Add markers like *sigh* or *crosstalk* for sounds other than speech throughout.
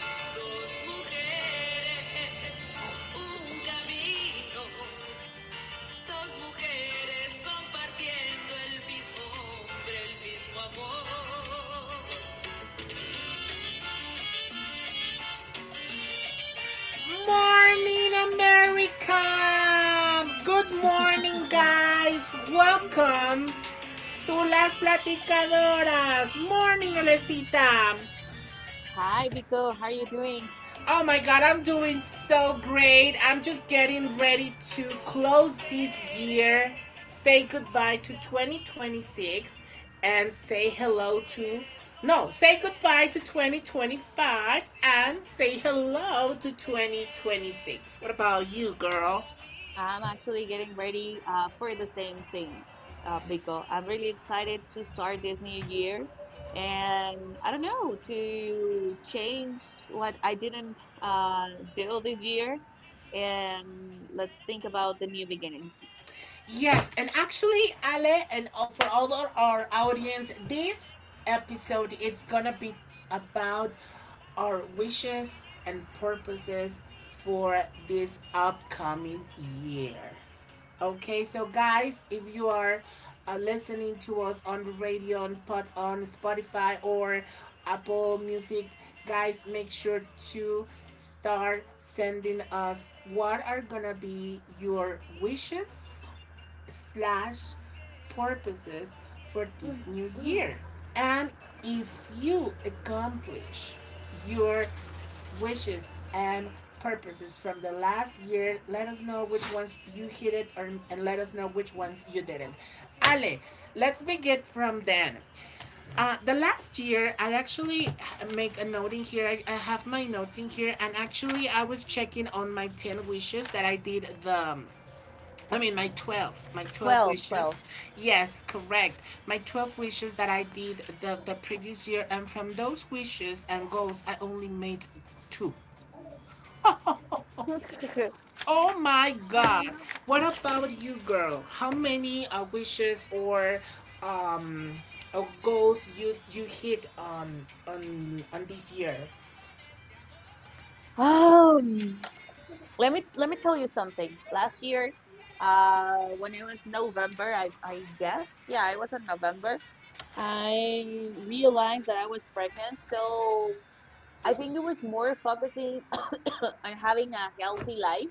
Dos mujeres, un camino, dos mujeres compartiendo el mismo hombre, el mismo amor. Morning, America! Good morning, Mm. guys! Welcome to las platicadoras! Morning, Olecita! Hi, Biko. How are you doing? Oh my god, I'm doing so great. I'm just getting ready to close this year, say goodbye to 2026, and say hello to. No, say goodbye to 2025 and say hello to 2026. What about you, girl? I'm actually getting ready for the same thing, Biko. I'm really excited to start this new year and I don't know, to change what I didn't uh, do this year, and let's think about the new beginnings. Yes, and actually, Ale, and for all our audience, this episode is gonna be about our wishes and purposes for this upcoming year. Okay, so guys, if you are listening to us on the radio, on Spotify or Apple Music, guys, make sure to start sending us what are gonna be your wishes slash purposes for this new year. And if you accomplish your wishes and purposes from the last year, let us know which ones you hit it and let us know which ones you didn't. Ale, let's begin from then. The last year, I actually make a note in here. I have my notes in here, and actually, I was checking on my 10 wishes that I did the I mean, my 12, my 12 12, 12. wishes. Yes, correct. My 12 wishes that I did the previous year, and from those wishes and goals, I only made two. *laughs* *laughs* Oh my God. What about you, girl? How many wishes um or goals you hit on this year? Um, let me tell you something. Last year, when it was November, I guess, yeah, it was in November. I realized that I was pregnant, so I think it was more focusing *coughs* on having a healthy life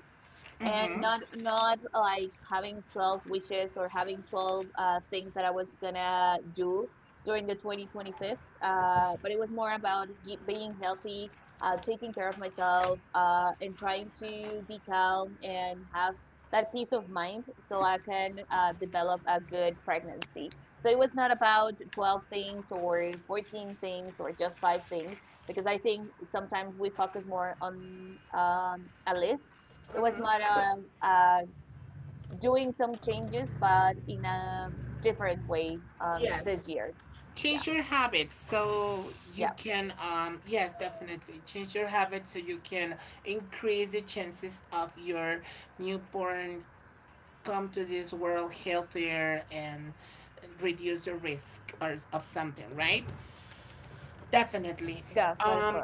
and not like having 12 wishes or having 12 things that I was gonna do during the 2025th. But it was more about being healthy, taking care of myself, and trying to be calm and have that peace of mind so I can develop a good pregnancy. So it was not about 12 things or 14 things or just five things because I think sometimes we focus more on a list. It was more doing some changes, but in a different way this Yes, year. Yeah, change your habits so yeah, you can, yes, definitely change your habits so you can increase the chances of your newborn come to this world healthier and reduce the risk or of something, right? yes, that Definitely. is correct. um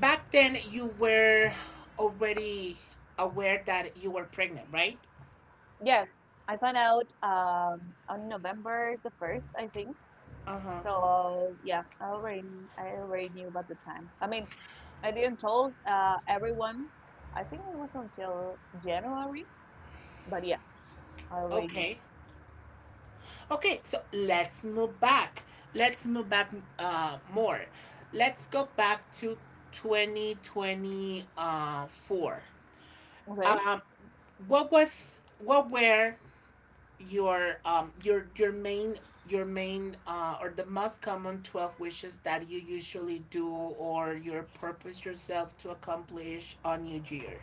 Back then you were already aware that you were pregnant, right? Yes, I found out on November the first, I think. Uh-huh. So yeah, I already knew about the time. I mean, I didn't told everyone. I think it was until January, but yeah, I already knew. Okay. Okay, so let's move back. Let's move back more. Let's go back to 2024. Okay. Um, what were your your main, or the most common 12 wishes that you usually do or your purpose yourself to accomplish on your year?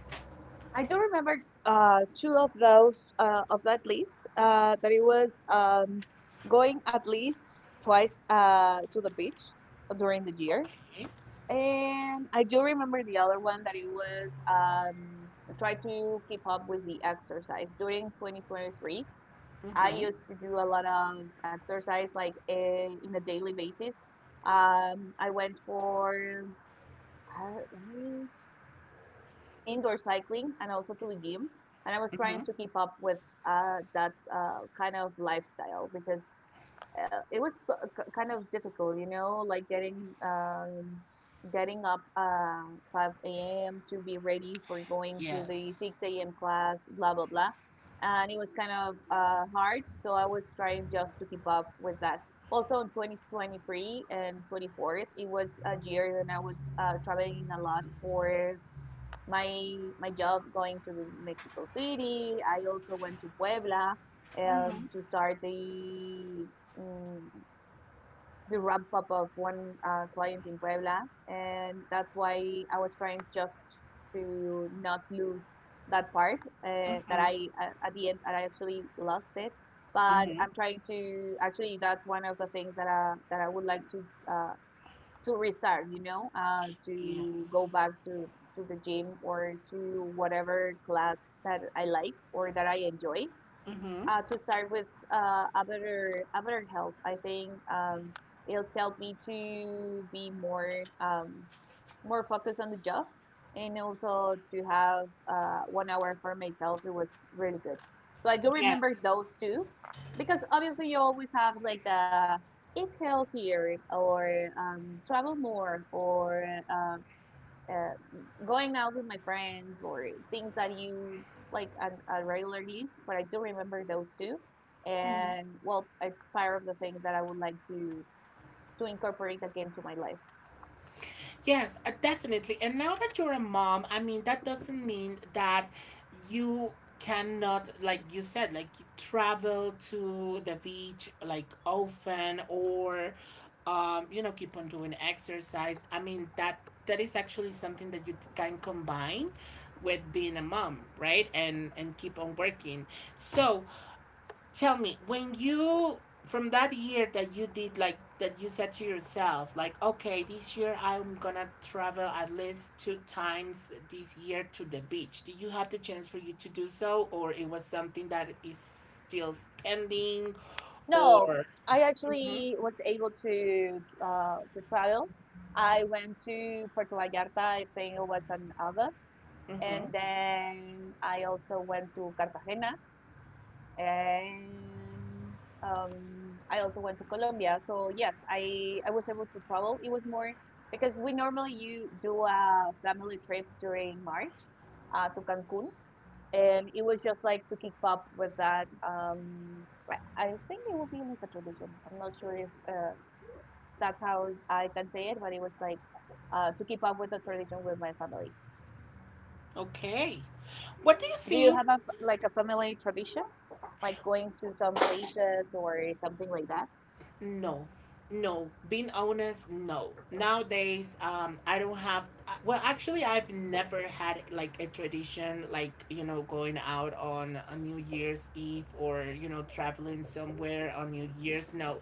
I do remember two of those of that list that it was going at least twice to the beach during the year. Okay. And I do remember the other one that it was try to keep up with the exercise. During 2023, I used to do a lot of exercise like in a daily basis. I went for, let me indoor cycling and also to the gym. And I was trying to keep up with that kind of lifestyle because it was kind of difficult, you know, like getting getting up 5 a.m. to be ready for going to the Yes. 6 a.m. class, blah blah blah. And it was kind of hard, so I was trying just to keep up with that. Also in 2023 and 24th, it was a year when I was traveling a lot for my job, going to Mexico City. I also went to Puebla to start the mm the ramp up of one client in Puebla, and that's why I was trying just to not lose that part that I at the end, and I actually lost it. But I'm trying to actually, that's one of the things that I would like uh, to restart, you know, to go Yes. back to the gym or to whatever class that I like or that I enjoy. To start with uh, about about health, I think it's helped me to be more more focused on the job, and also to have one hour for myself. It was really good. So I do remember Yes. those two, because obviously you always have like the eat healthier or travel more or uh uh, going out with my friends or things that you like on a regular use, but I do remember those two. And well, it's part of the things that I would like to incorporate again to my life. Yes, definitely. And now that you're a mom, I mean, that doesn't mean that you cannot, like you said, like, travel to the beach like often, or, keep on doing exercise. I mean, that is actually something that you can combine with being a mom, right? And keep on working. So, tell me, when you, from that year that you did, like, that you said to yourself, like, okay, this year I'm gonna travel at least two times this year to the beach, did you have the chance for you to do so, or it was something that is still pending No, or I mm-hmm, actually was able to travel. I went to Puerto Vallarta. I think it was in August, mm-hmm. and then I also went to Cartagena, and I also went to Colombia. So yes, I was able to travel. It was more because we normally, you do a family trip during March to Cancun, and it was just like to keep up with that. I think it will be like a tradition. I'm not sure if that's how I can say it, but it was like to keep up with the tradition with my family. Okay. What do you Do you think? have a like a family tradition, like going to some places or something like that? No, no. Being honest, no. Nowadays, I don't have. Well, actually, I've never had like a tradition, like, going out on a New Year's Eve or traveling somewhere on New Year's. No,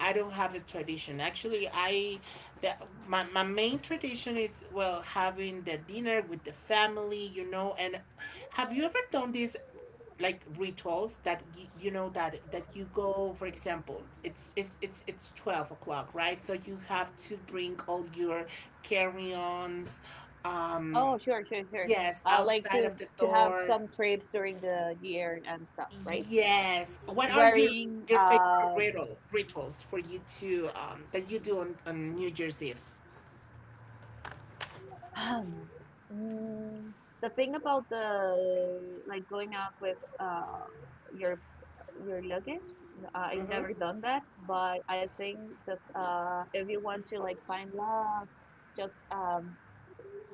I don't have a tradition. Actually, I, the, my main tradition is, well, having the dinner with the family. And have you ever done this? Like rituals that you know that you go, for example, it's 12 o'clock, right? So you have to bring all your carry-ons um Oh, sure, sure, sure. yes, Like outside of the to have door. some trips during the year and stuff, right? Yes. What are your Wearing your favorite riddle rituals for you to that you do on New Year's Eve. um, mm, the thing about the like going out with your your luggage. I've Mm-hmm. never done that, but I think that uh, if you want to like find love, just um,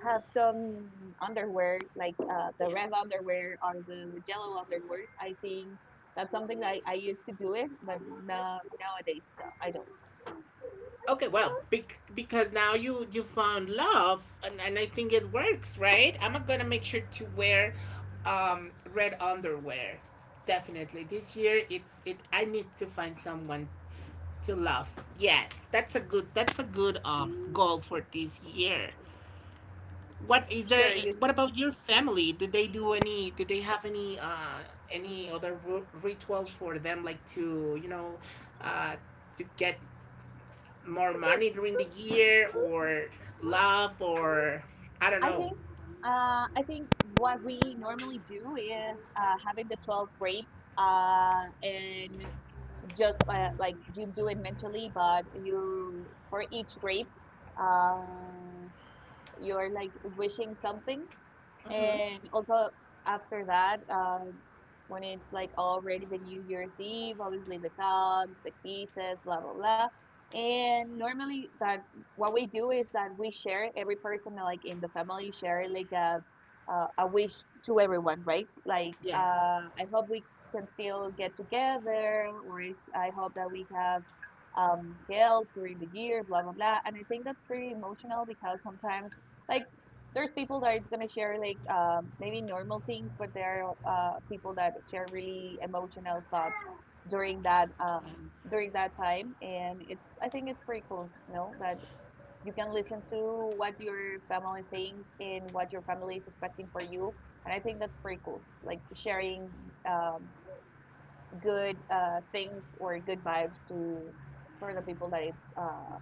have some underwear, like the red Yes. underwear or the Jello underwear. I think that's something that I used to do it, but no, nowadays no, I don't. Okay, well, because now you found love, and I think it works, right? I'm gonna make sure to wear red underwear, definitely, this year. It's it. I need to find someone to love. Yes, that's a good, goal for this year. What is there? Sure, you. What about your family? Do they do any? Do they have any other ritual for them, like, uh to get more money during the year, or love, or I don't I know. think. I think what we normally do is having the 12 grape and just like you do it mentally, but you for each grape, uh, you're like wishing something. Mm-hmm. And also after that, when it's like already the New Year's Eve, obviously the hugs, the kisses, blah blah blah. And normally that what we do is that we share, every person like in the family share like a wish to everyone, right? Like Yes. I hope we can still get together, or if, I hope that we have um, health during the year, blah blah blah. And I think that's pretty emotional because sometimes like there's people that is gonna share like maybe normal things, but there are people that share really emotional thoughts during that um, Yes. during that time, and it's I think it's pretty cool, you know, that you can listen to what your family thinks and what your family is expecting for you, and I think that's pretty cool, like sharing um, good things or good vibes to for the people that is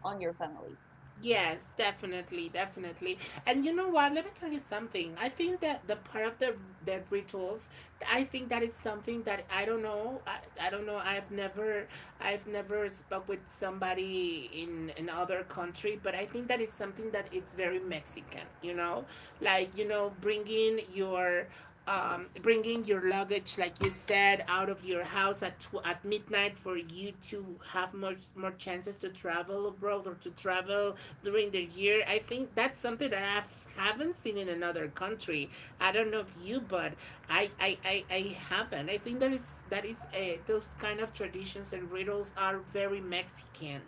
on your family. Yes, definitely, definitely. And you know what? Let me tell you something. I think that the part of the rituals, I think that is something that I don't know. I don't know. I've never spoke with somebody in another country, but I think that is something that it's very Mexican, you know? Like, you know, bringing your luggage, like you said, out of your house at midnight for you to have more chances to travel abroad or to travel during the year. I think that's something that I haven't seen in another country. I don't know if you, but I haven't. I think that is, those kind of traditions and riddles are very Mexican.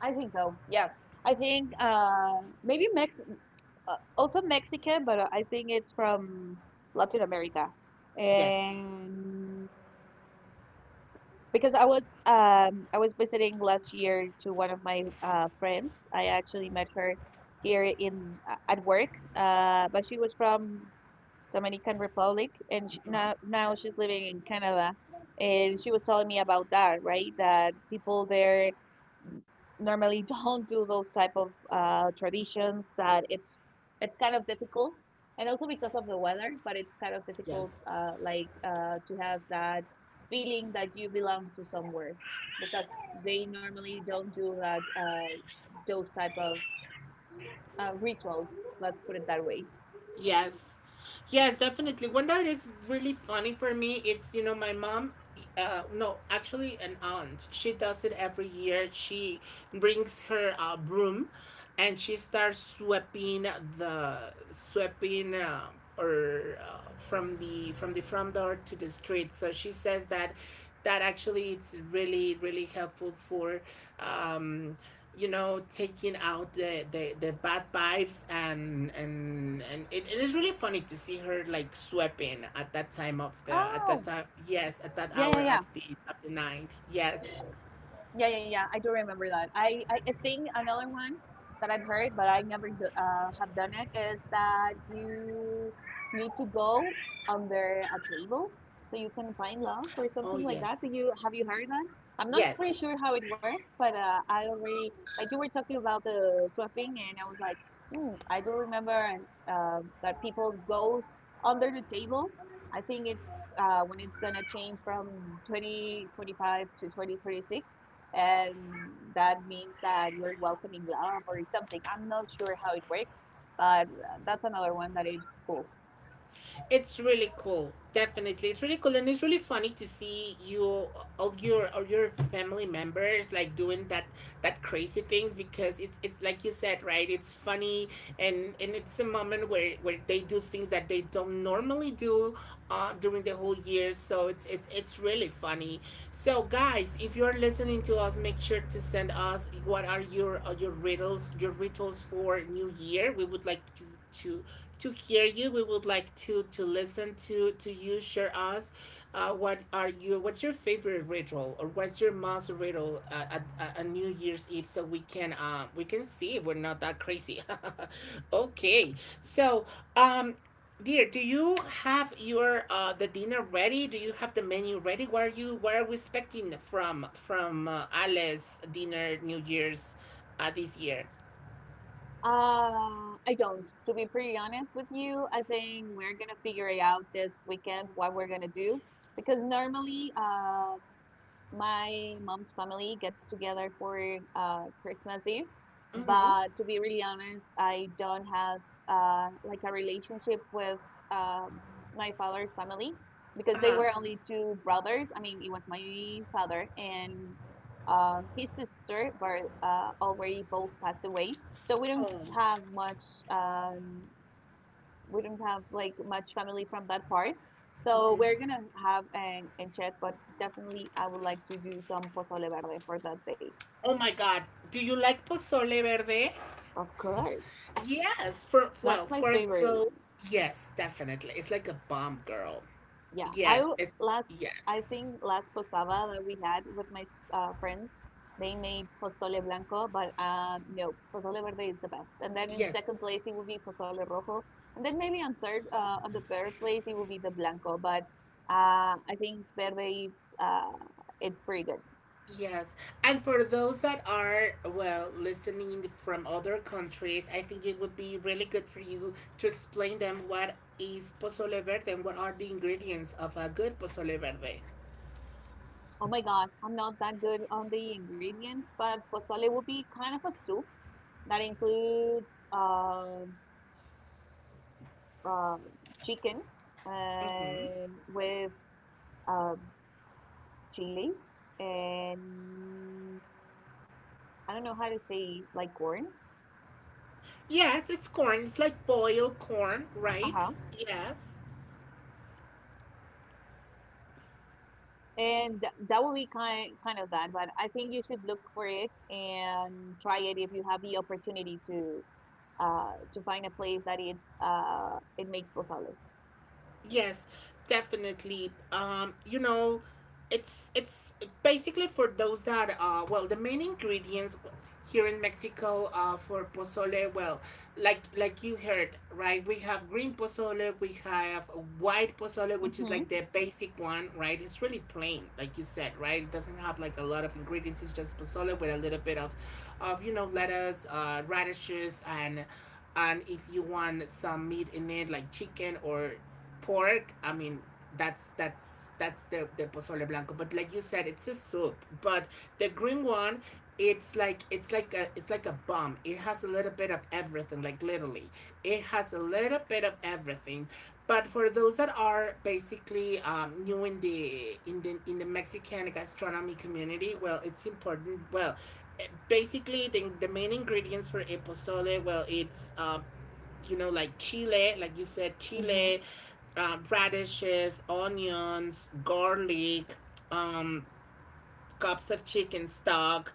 I think so. Yeah. I think maybe Mex also Mexican, but I think it's from Latin America. Yes. And because I was um, I was visiting last year to one of my uh, friends. I actually met her here in at work. But she was from Dominican Republic, and sh Mhm. now she's living in Canada. And she was telling me about that, right? That people there normally don't do those type of traditions, that it's kind of difficult, and also because of the weather, but it's kind of difficult Yes. Like to have that feeling that you belong to somewhere because they normally don't do that those type of rituals, let's put it that way. Yes. Yes, definitely. One that is really funny for me, it's, you know, my mom, no, actually an aunt. She does it every year. She brings her broom and she starts sweeping the sweeping or from the front door to the street. So she says that actually it's really, really helpful for um taking out the bad vibes, and it is really funny to see her, like, sweeping at that Oh, time, yes, at that yeah, hour yeah, yeah. of the night, yes. Yeah, yeah, yeah. I do remember that. I think another one that I've heard, but I never do, have done it, is that you need to go under a table so you can find love or Oh something like yes. that. Do you, have you heard that? I'm not pretty Yes. sure how it works, but I already, like you were talking about the swapping, and I was like, hmm, I do remember that people go under the table. I think it's when it's gonna change from 2025 to 2026, and that means that you're welcoming love or something. I'm not sure how it works, but that's another one that is cool. It's really cool. Definitely, it's really cool, and it's really funny to see you, all your family members, like, doing that crazy things, because it's like you said, right? It's funny, and it's a moment where they do things that they don't normally do, during the whole year. So it's really funny. So guys, if you're listening to us, make sure to send us what are your riddles, your rituals for New Year. We would like to to hear you. We would like to listen to you. Share us. What are you? What's your favorite ritual, or what's your most ritual at New Year's Eve? So we can see if we're not that crazy. *laughs* Okay. So, um, dear, do you have your the dinner ready? Do you have the menu ready? What are you? What are we expecting from Alice dinner New Year's this year? I don't. To be pretty honest with you, I think we're gonna figure it out this weekend what we're gonna do, because normally, my mom's family get together for uh, Christmas Eve, Mm-hmm. but to be really honest, I don't have uh, like a relationship with um, my father's family because Uh they huh. were only two brothers. I mean, it was my father and uh, his sister, but uh, already both passed away. So we don't Oh. have much, um, we don't have like much family from that part. So we're gonna have an enchilada, but definitely I would like to do some pozole verde for that day. Oh my God. Do you like pozole verde? Of course, Yes. For, well, that's my for favorite those, one. yes, definitely. It's like a bomb, girl. Yeah, Yes, it's, last I yes. think last posada that we had with my friends, they made pozole blanco, but no, pozole verde is the best. And then in second Yes. place it would be pozole rojo, and then maybe on third, on the third place it would be the blanco. But I think verde is uh, it's pretty good. Yes. And for those that are, well, listening from other countries, I think it would be really good for you to explain them what is pozole verde and what are the ingredients of a good pozole verde. Oh my God, I'm not that good on the ingredients, but pozole would be kind of a soup that includes uh, uh, chicken with um, Chile, and I don't know how to say like corn. Yes, it's corn. It's like boiled corn, right? Uh-huh. Yes. And that will be kind of that, but I think you should look for it and try it if you have the opportunity to uh, to find a place that it uh, it makes pozole. Yes, definitely. You know, it's basically for those that, well, the main ingredients here in Mexico for pozole. Well, like you heard, right? We have green pozole, we have white pozole, which is like Mm-hmm. the basic one, right, it's really plain, like you said, right, it doesn't have like a lot of ingredients, it's just pozole with a little bit of lettuce, radishes, and if you want some meat in it, like chicken or pork. I mean, that's the pozole blanco. But like you said, it's a soup. But the green one, it's like a bomb. It has a little bit of everything. Like, literally, it has a little bit of everything. But for those that are basically, new in the Mexican gastronomy community, well, it's important. Well, basically, the main ingredients for a pozole, well, it's, like, chile, like you said, Mm-hmm. chile, radishes, onions, garlic, um, cups of chicken stock.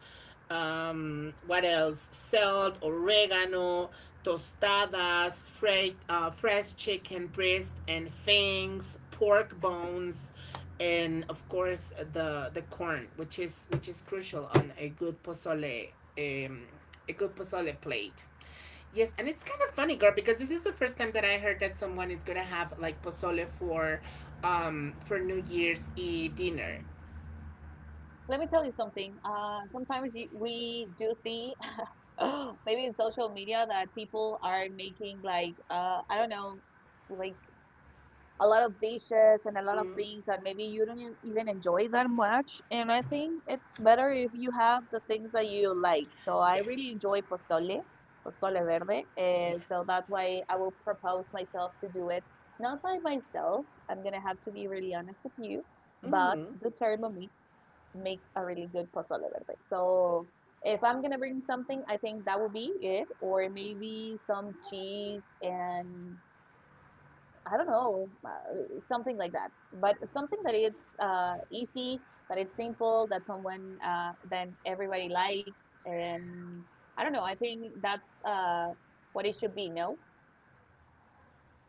What else? Salt, oregano, tostadas, fresh, fresh chicken breast and fangs, pork bones, and of course the corn, which is crucial on a good pozole, um, a good pozole plate. Yes, and it's kind of funny, girl, because this is the first time that I heard that someone is gonna have like pozole for New Year's Eve dinner. Let me tell you something. Sometimes we do see *laughs* maybe in social media that people are making like I don't know like a lot of dishes and a lot of things that maybe you don't even enjoy that much. And I think it's better if you have the things that you like. So I really Yes. enjoy pozole, pozole verde. And Yes. so that's why I will propose myself to do it. Not by myself, I'm gonna have to be really honest with you, but Mm-hmm. the Thermomix makes a really good pozole verde. So if I'm gonna bring something, I think that would be it, or maybe some cheese and I don't know, something like that. But something that is easy, that it's simple, that someone then everybody likes, and I don't know. I think that's uh, what it should be. No,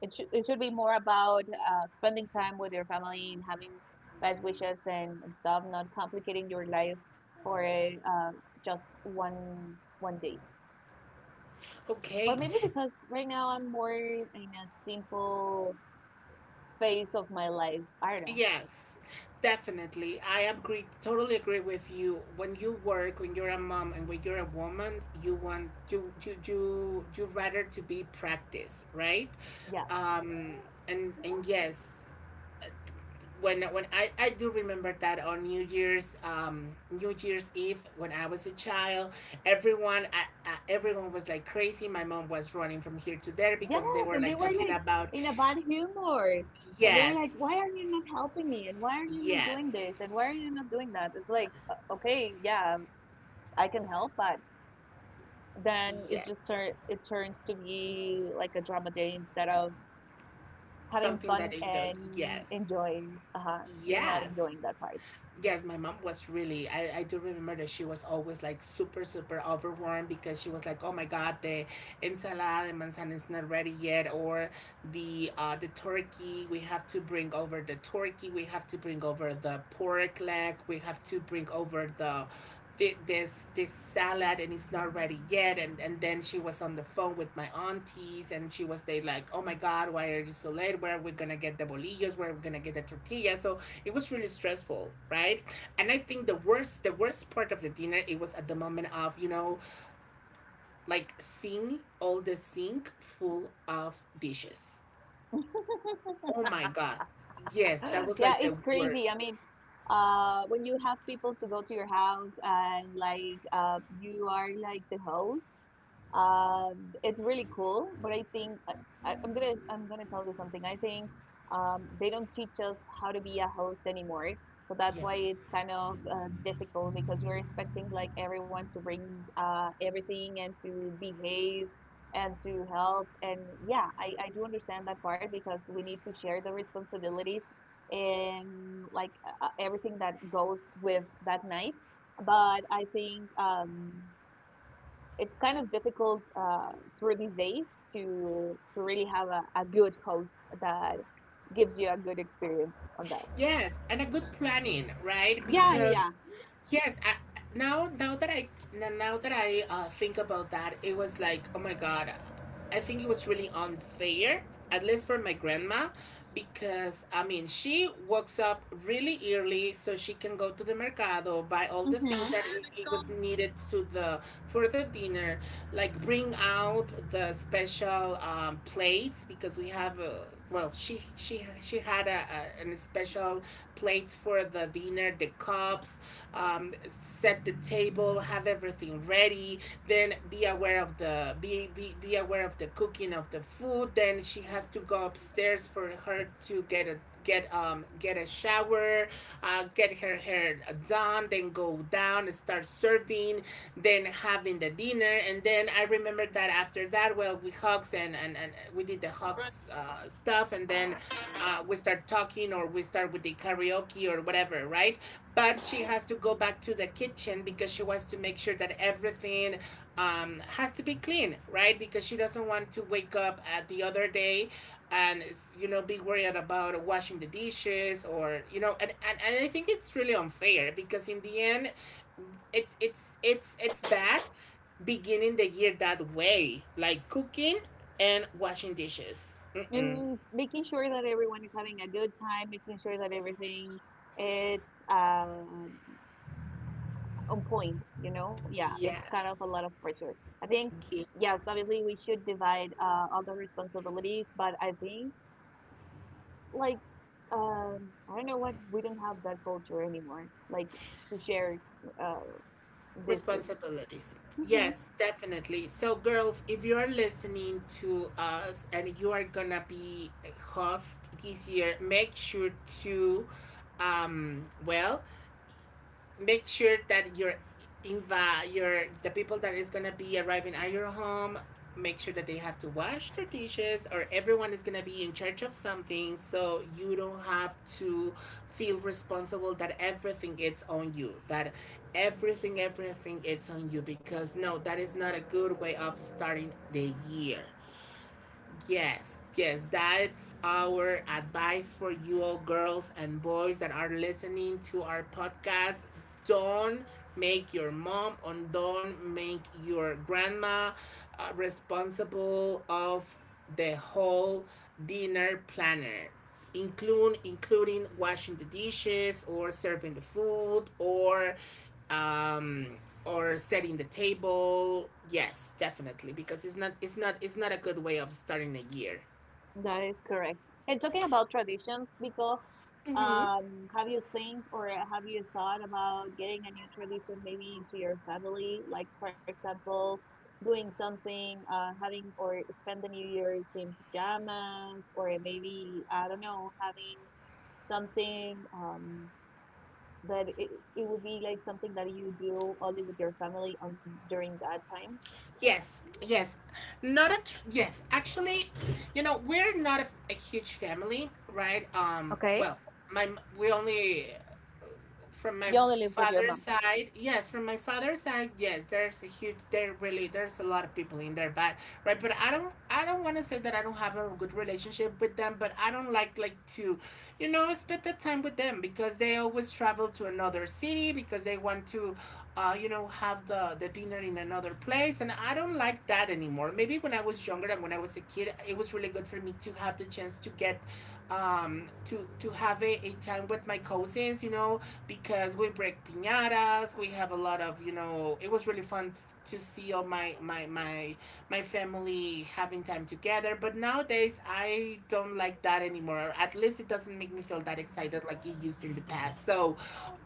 it should be more about spending time with your family and having best wishes and stuff, not complicating your life for just one day. Or Okay. maybe because right now I'm more in a simple phase of my life. I don't know. Yes. Definitely. I agree, totally agree with you. When you work, when you're a mom and when you're a woman, you want to you you you rather to be practiced, right? Yeah. Um and yes, when I do remember that on New Year's Eve when I was a child, everyone was like crazy. My mom was running from here to there Yes, because they were and they like were talking like about in a bad humor. And they were like, "Why Yes. are you not helping me? And why are you not doing this? Yes. And why are you not doing that?" It's like, okay, yeah, I can help, but then Yes. It turns to be like a drama day instead of having Something fun that I enjoy. and Yes. enjoying. Uh-huh, you're not Yes. enjoying that part. Yes, my mom was really I do remember that she was always like super, super overwhelmed because she was like, "Oh my God, the ensalada de manzana is not ready yet," or the the turkey, we have to bring over the turkey, we have to bring over the pork leg, we have to bring over the this salad and it's not ready yet. And then she was on the phone with my aunties and she was there like, "Oh my God, why are you so late? Where are we gonna get the bolillos? Where are we gonna get the tortilla?" So it was really stressful, right? And I think the worst part of the dinner, it was at the moment of, like seeing all the sink full of dishes. Oh my God, yes, that *laughs* was Yeah, like the it's crazy. I worst. mean, when you have people to go to your house and like you are like the host, it's really cool. But I think I- I'm gonna tell you something. I think they don't teach us how to be a host anymore. So that's why Yes. it's kind of difficult because you're expecting like everyone to bring everything and to behave and to help. And yeah, I do understand that part because we need to share the responsibilities and like everything that goes with that night. But I think it's kind of difficult through these days to really have a good host that gives you a good experience on that. Yes, and a good planning, right? Yeah, Because yeah, yes, I, now that I now that I think about that, it was like, oh my God, I think it was really unfair, at least for my grandma, because I mean she wakes up really early so she can go to the mercado, buy all yeah. the things that hmm it was needed to the for the dinner, like bring out the special plates because we have a, well she had a an special plates for the dinner, the cups, set the table, have everything ready. Then be aware of the be aware of the cooking of the food. Then she has to go upstairs for her to get a shower, get her hair done, then go down and start serving, then having the dinner, and then I remember that after that, well, we hugs and we did the Hawks stuff, and then we start talking or we start with the karaoke or whatever, right? But she has to go back to the kitchen because she wants to make sure that everything has to be clean, right? Because she doesn't want to wake up at the other day and you know be worried about washing the dishes or you know and I think it's really unfair because in the end it's bad beginning the year that way, like cooking and washing dishes. Mm-mm. And making sure that everyone is having a good time, making sure that everything it's on point, you know? Yeah, it's kind of a lot of Yes. pressure. I think, Yes. yes, obviously we should divide other responsibilities, but I think like I don't know what we don't have that culture anymore, like to share uh, these things. Responsibilities. Yes, definitely. So, girls, if you are listening to us and you are gonna be a host this year, make sure to, well, make sure that your inva your the people that is gonna be arriving at your home make sure that they have to wash their dishes or everyone is gonna be in charge of something so you don't have to feel responsible that everything is on you, that everything it's on you, because no, that is not a good way of starting the year. Yes, yes, that's our advice for you all, girls and boys that are listening to our podcast. Don't make your mom and don't make your grandma responsible of the whole dinner planner, include, including washing the dishes or serving the food um, or setting the table. Yes, definitely, because it's not a good way of starting a year. That is correct. And talking about traditions, because Mm-hmm. Have you think or have you thought about getting a new tradition maybe into your family? Like for example, doing something, having or spend the New Year's in pajamas, or maybe I don't know, having something that it would be like something that you do only with your family on during that time. Yes, yes, not a tr- yes. Actually, you know we're not a, a huge family, right? Okay. Well, we only from my You only live with your father's mom. side, yes, from my father's side, yes, there's a huge, there really, there's a lot of people in there, but right, but I don't want to say that I don't have a good relationship with them, but I don't like to, you know, spend the time with them because they always travel to another city because they want to, you know, have the dinner in another place, and I don't like that anymore. Or maybe when I was younger and when I was a kid, it was really good for me to have the chance to get to have a time with my cousins, you know, because we break piñatas, we have a lot of, you know, it was really fun to see all my family having time together. But nowadays, I don't like that anymore. At least it doesn't make me feel that excited like it used in the past. So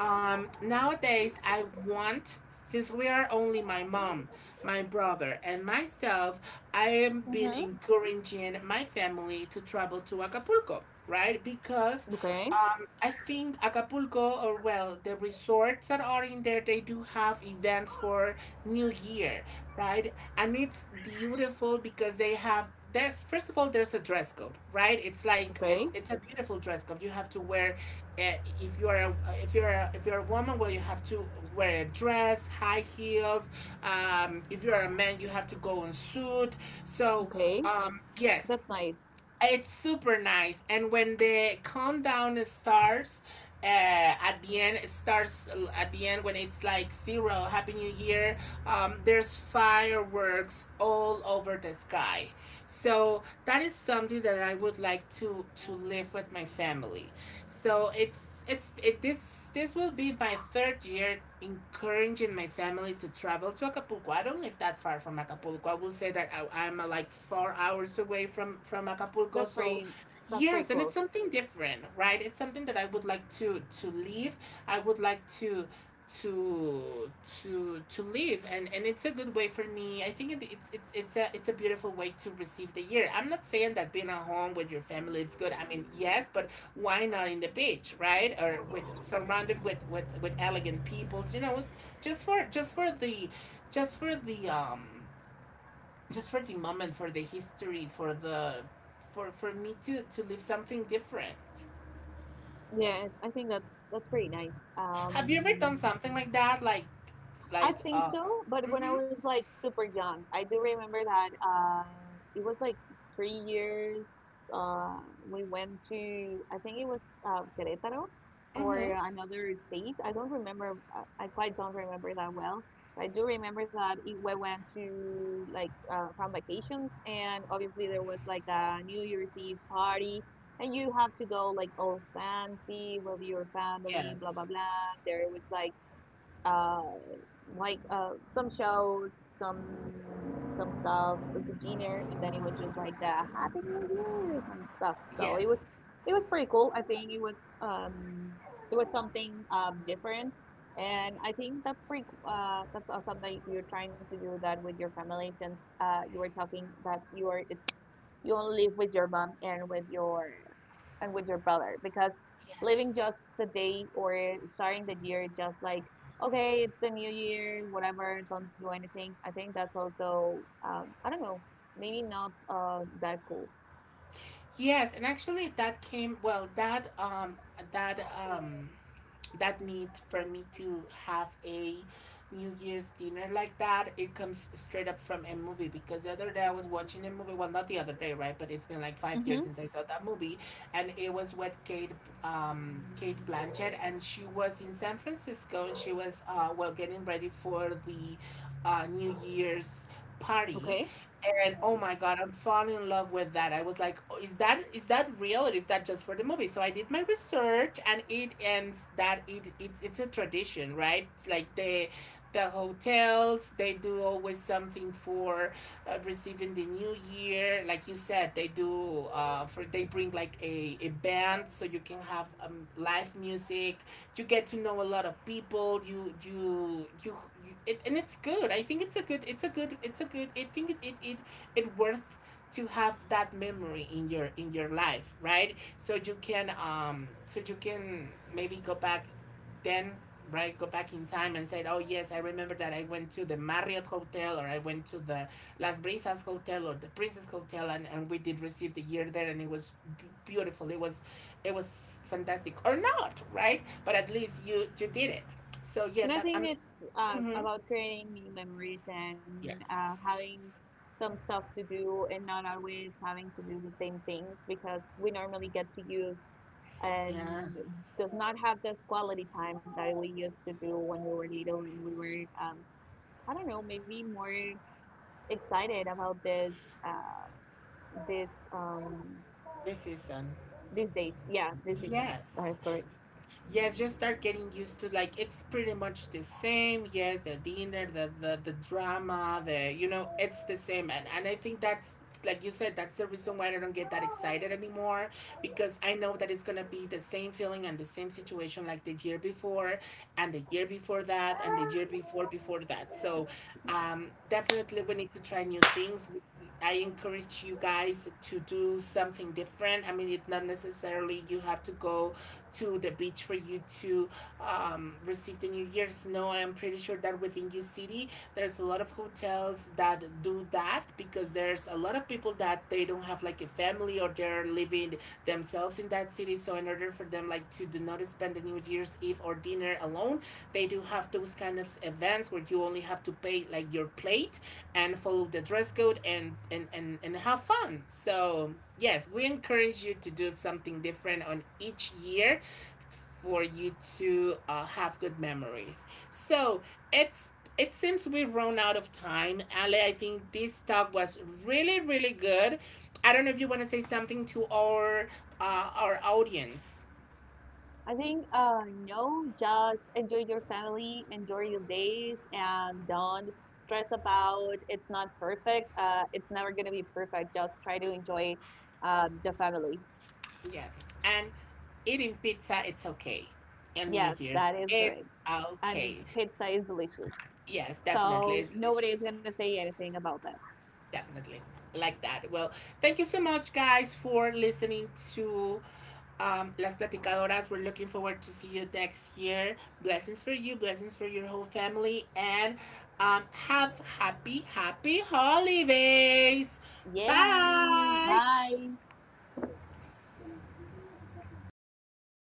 nowadays, I want, since we are only my mom, my brother, and myself, I have Mm-hmm. been encouraging my family to travel to Acapulco, right? Because Okay, I think Acapulco, or well, the resorts that are in there, they do have events for New Year, right? And it's beautiful because they have. There's first of all, there's a dress code, right? It's like okay, it's a beautiful dress code. You have to wear uh, if you are a, if you're a woman, well you have to wear a dress, high heels, if you're a man you have to go in suit. So okay. Yes, That's nice. it's super nice, and when the countdown starts at the end, at the end when it's like zero, happy new year, there's fireworks all over the sky. So that is something that I would like to live with my family. So it's it this this will be my third year encouraging my family to travel to Acapulco. I don't live that far from Acapulco. I will say that I'm like 4 hours away from That's Acapulco. So pretty, that's pretty yes, and close. it's something different, right? It's something that I would like to leave. I would like to to live, and it's a good way for me. I think it's a beautiful way to receive the year. I'm not saying that being at home with your family it's good, I mean yes, but why not in the beach, right? Or with, surrounded with elegant peoples, you know, just for just for the um just for the moment, for the history, for the, for me to live something different. Yes, I think that's pretty nice. Have you ever done something like that, like I like think uh so, but when I mm-hmm. was like super young, I do remember that it was like 3 years. Uh, we went to, I think it was Querétaro or Mm-hmm. another state. I don't remember. I quite don't remember that well. I do remember that we went to like from vacations, and obviously there was like a New Year's Eve party, and you have to go like all fancy with your family, blah blah Yes. blah. There was like uh some shows, some stuff with the Genier, and then it was just like the Happy New Year and stuff, so Yes. it was pretty cool. I think it was something different. And I think that's that's awesome that you're trying to do that with your family, since you were talking that you are it's you only live with your mom and with your brother. Because living Yes. just the day or starting the year just like, okay, it's the new year whatever, don't do anything, I think that's also I don't know, maybe not that cool. Yes, and actually that came, well that that um that need for me to have a New Year's dinner like that, it comes straight up from a movie, because the other day I was watching a movie, well not the other day, right? But it's been like 5 years Mm-hmm. since I saw that movie, and it was with Kate Kate Blanchett, and she was in San Francisco and she was well getting ready for the New Year's party. Okay, And oh my God, I'm falling in love with that. I was like, "Oh, is that, is that real or is that just for the movie?" So I did my research and it ends that it's a tradition, right? It's like the hotels, they do always something for receiving the new year. Like you said, they do for they bring like a band so you can have live music, you get to know a lot of people, and it's good. I think it's a good, I think it worth to have that memory in your life, right? So you can so you can maybe go back then, right? Go back in time and said, "Oh yes, I remember that I went to the Marriott hotel, or I went to the Las Brisas hotel, or the Princess hotel," and we did receive the year there, and it was beautiful, it was, it was fantastic or not, right? But at least you you did it. So and yes, I think I'm it's mhm. about creating new memories and Yes. Having some stuff to do and not always having to do the same things, because we normally get to use and Yes. does not have the quality time that we used to do when we were little and we were I don't know, maybe more excited about this uh, this um, This is. these days, yeah, this season. That Yes, is correct. yes, just start getting used to like it's pretty much the same. Yes, the dinner, the drama, the, you know, it's the same, and I think that's like you said, that's the reason why I don't get that excited anymore, because I know that it's going to be the same feeling and the same situation like the year before, and the year before that, and the year before that. So definitely we need to try new things. I encourage you guys to do something different. I mean, it's not necessarily you have to go to the beach for you to received the New Year's. No, I am pretty sure that within your city, there's a lot of hotels that do that, because there's a lot of people that they don't have like a family, or they're living themselves in that city. So in order for them like to do not spend the New Year's Eve or dinner alone, they do have those kind of events where you only have to pay like your plate and follow the dress code and have fun. So yes, we encourage you to do something different on each year for you to have good memories. So it's it seems we've run out of time. Ale, I think this talk was really really good. I don't know if you want to say something to our audience. I think no, just enjoy your family, enjoy your days and don't stress about it's not perfect, it's never gonna be perfect, just try to enjoy the family. Yes, and eating pizza it's okay. And New Yes, Year's that is correct. it's And okay. pizza is delicious. Yes, definitely So it's nobody is delicious. going to say anything about that. Definitely, like that. Well, thank you so much guys for listening to las platicadoras. We're looking forward to see you next year. Blessings for you, blessings for your whole family, and um, have happy holidays. Yay! Bye. Bye!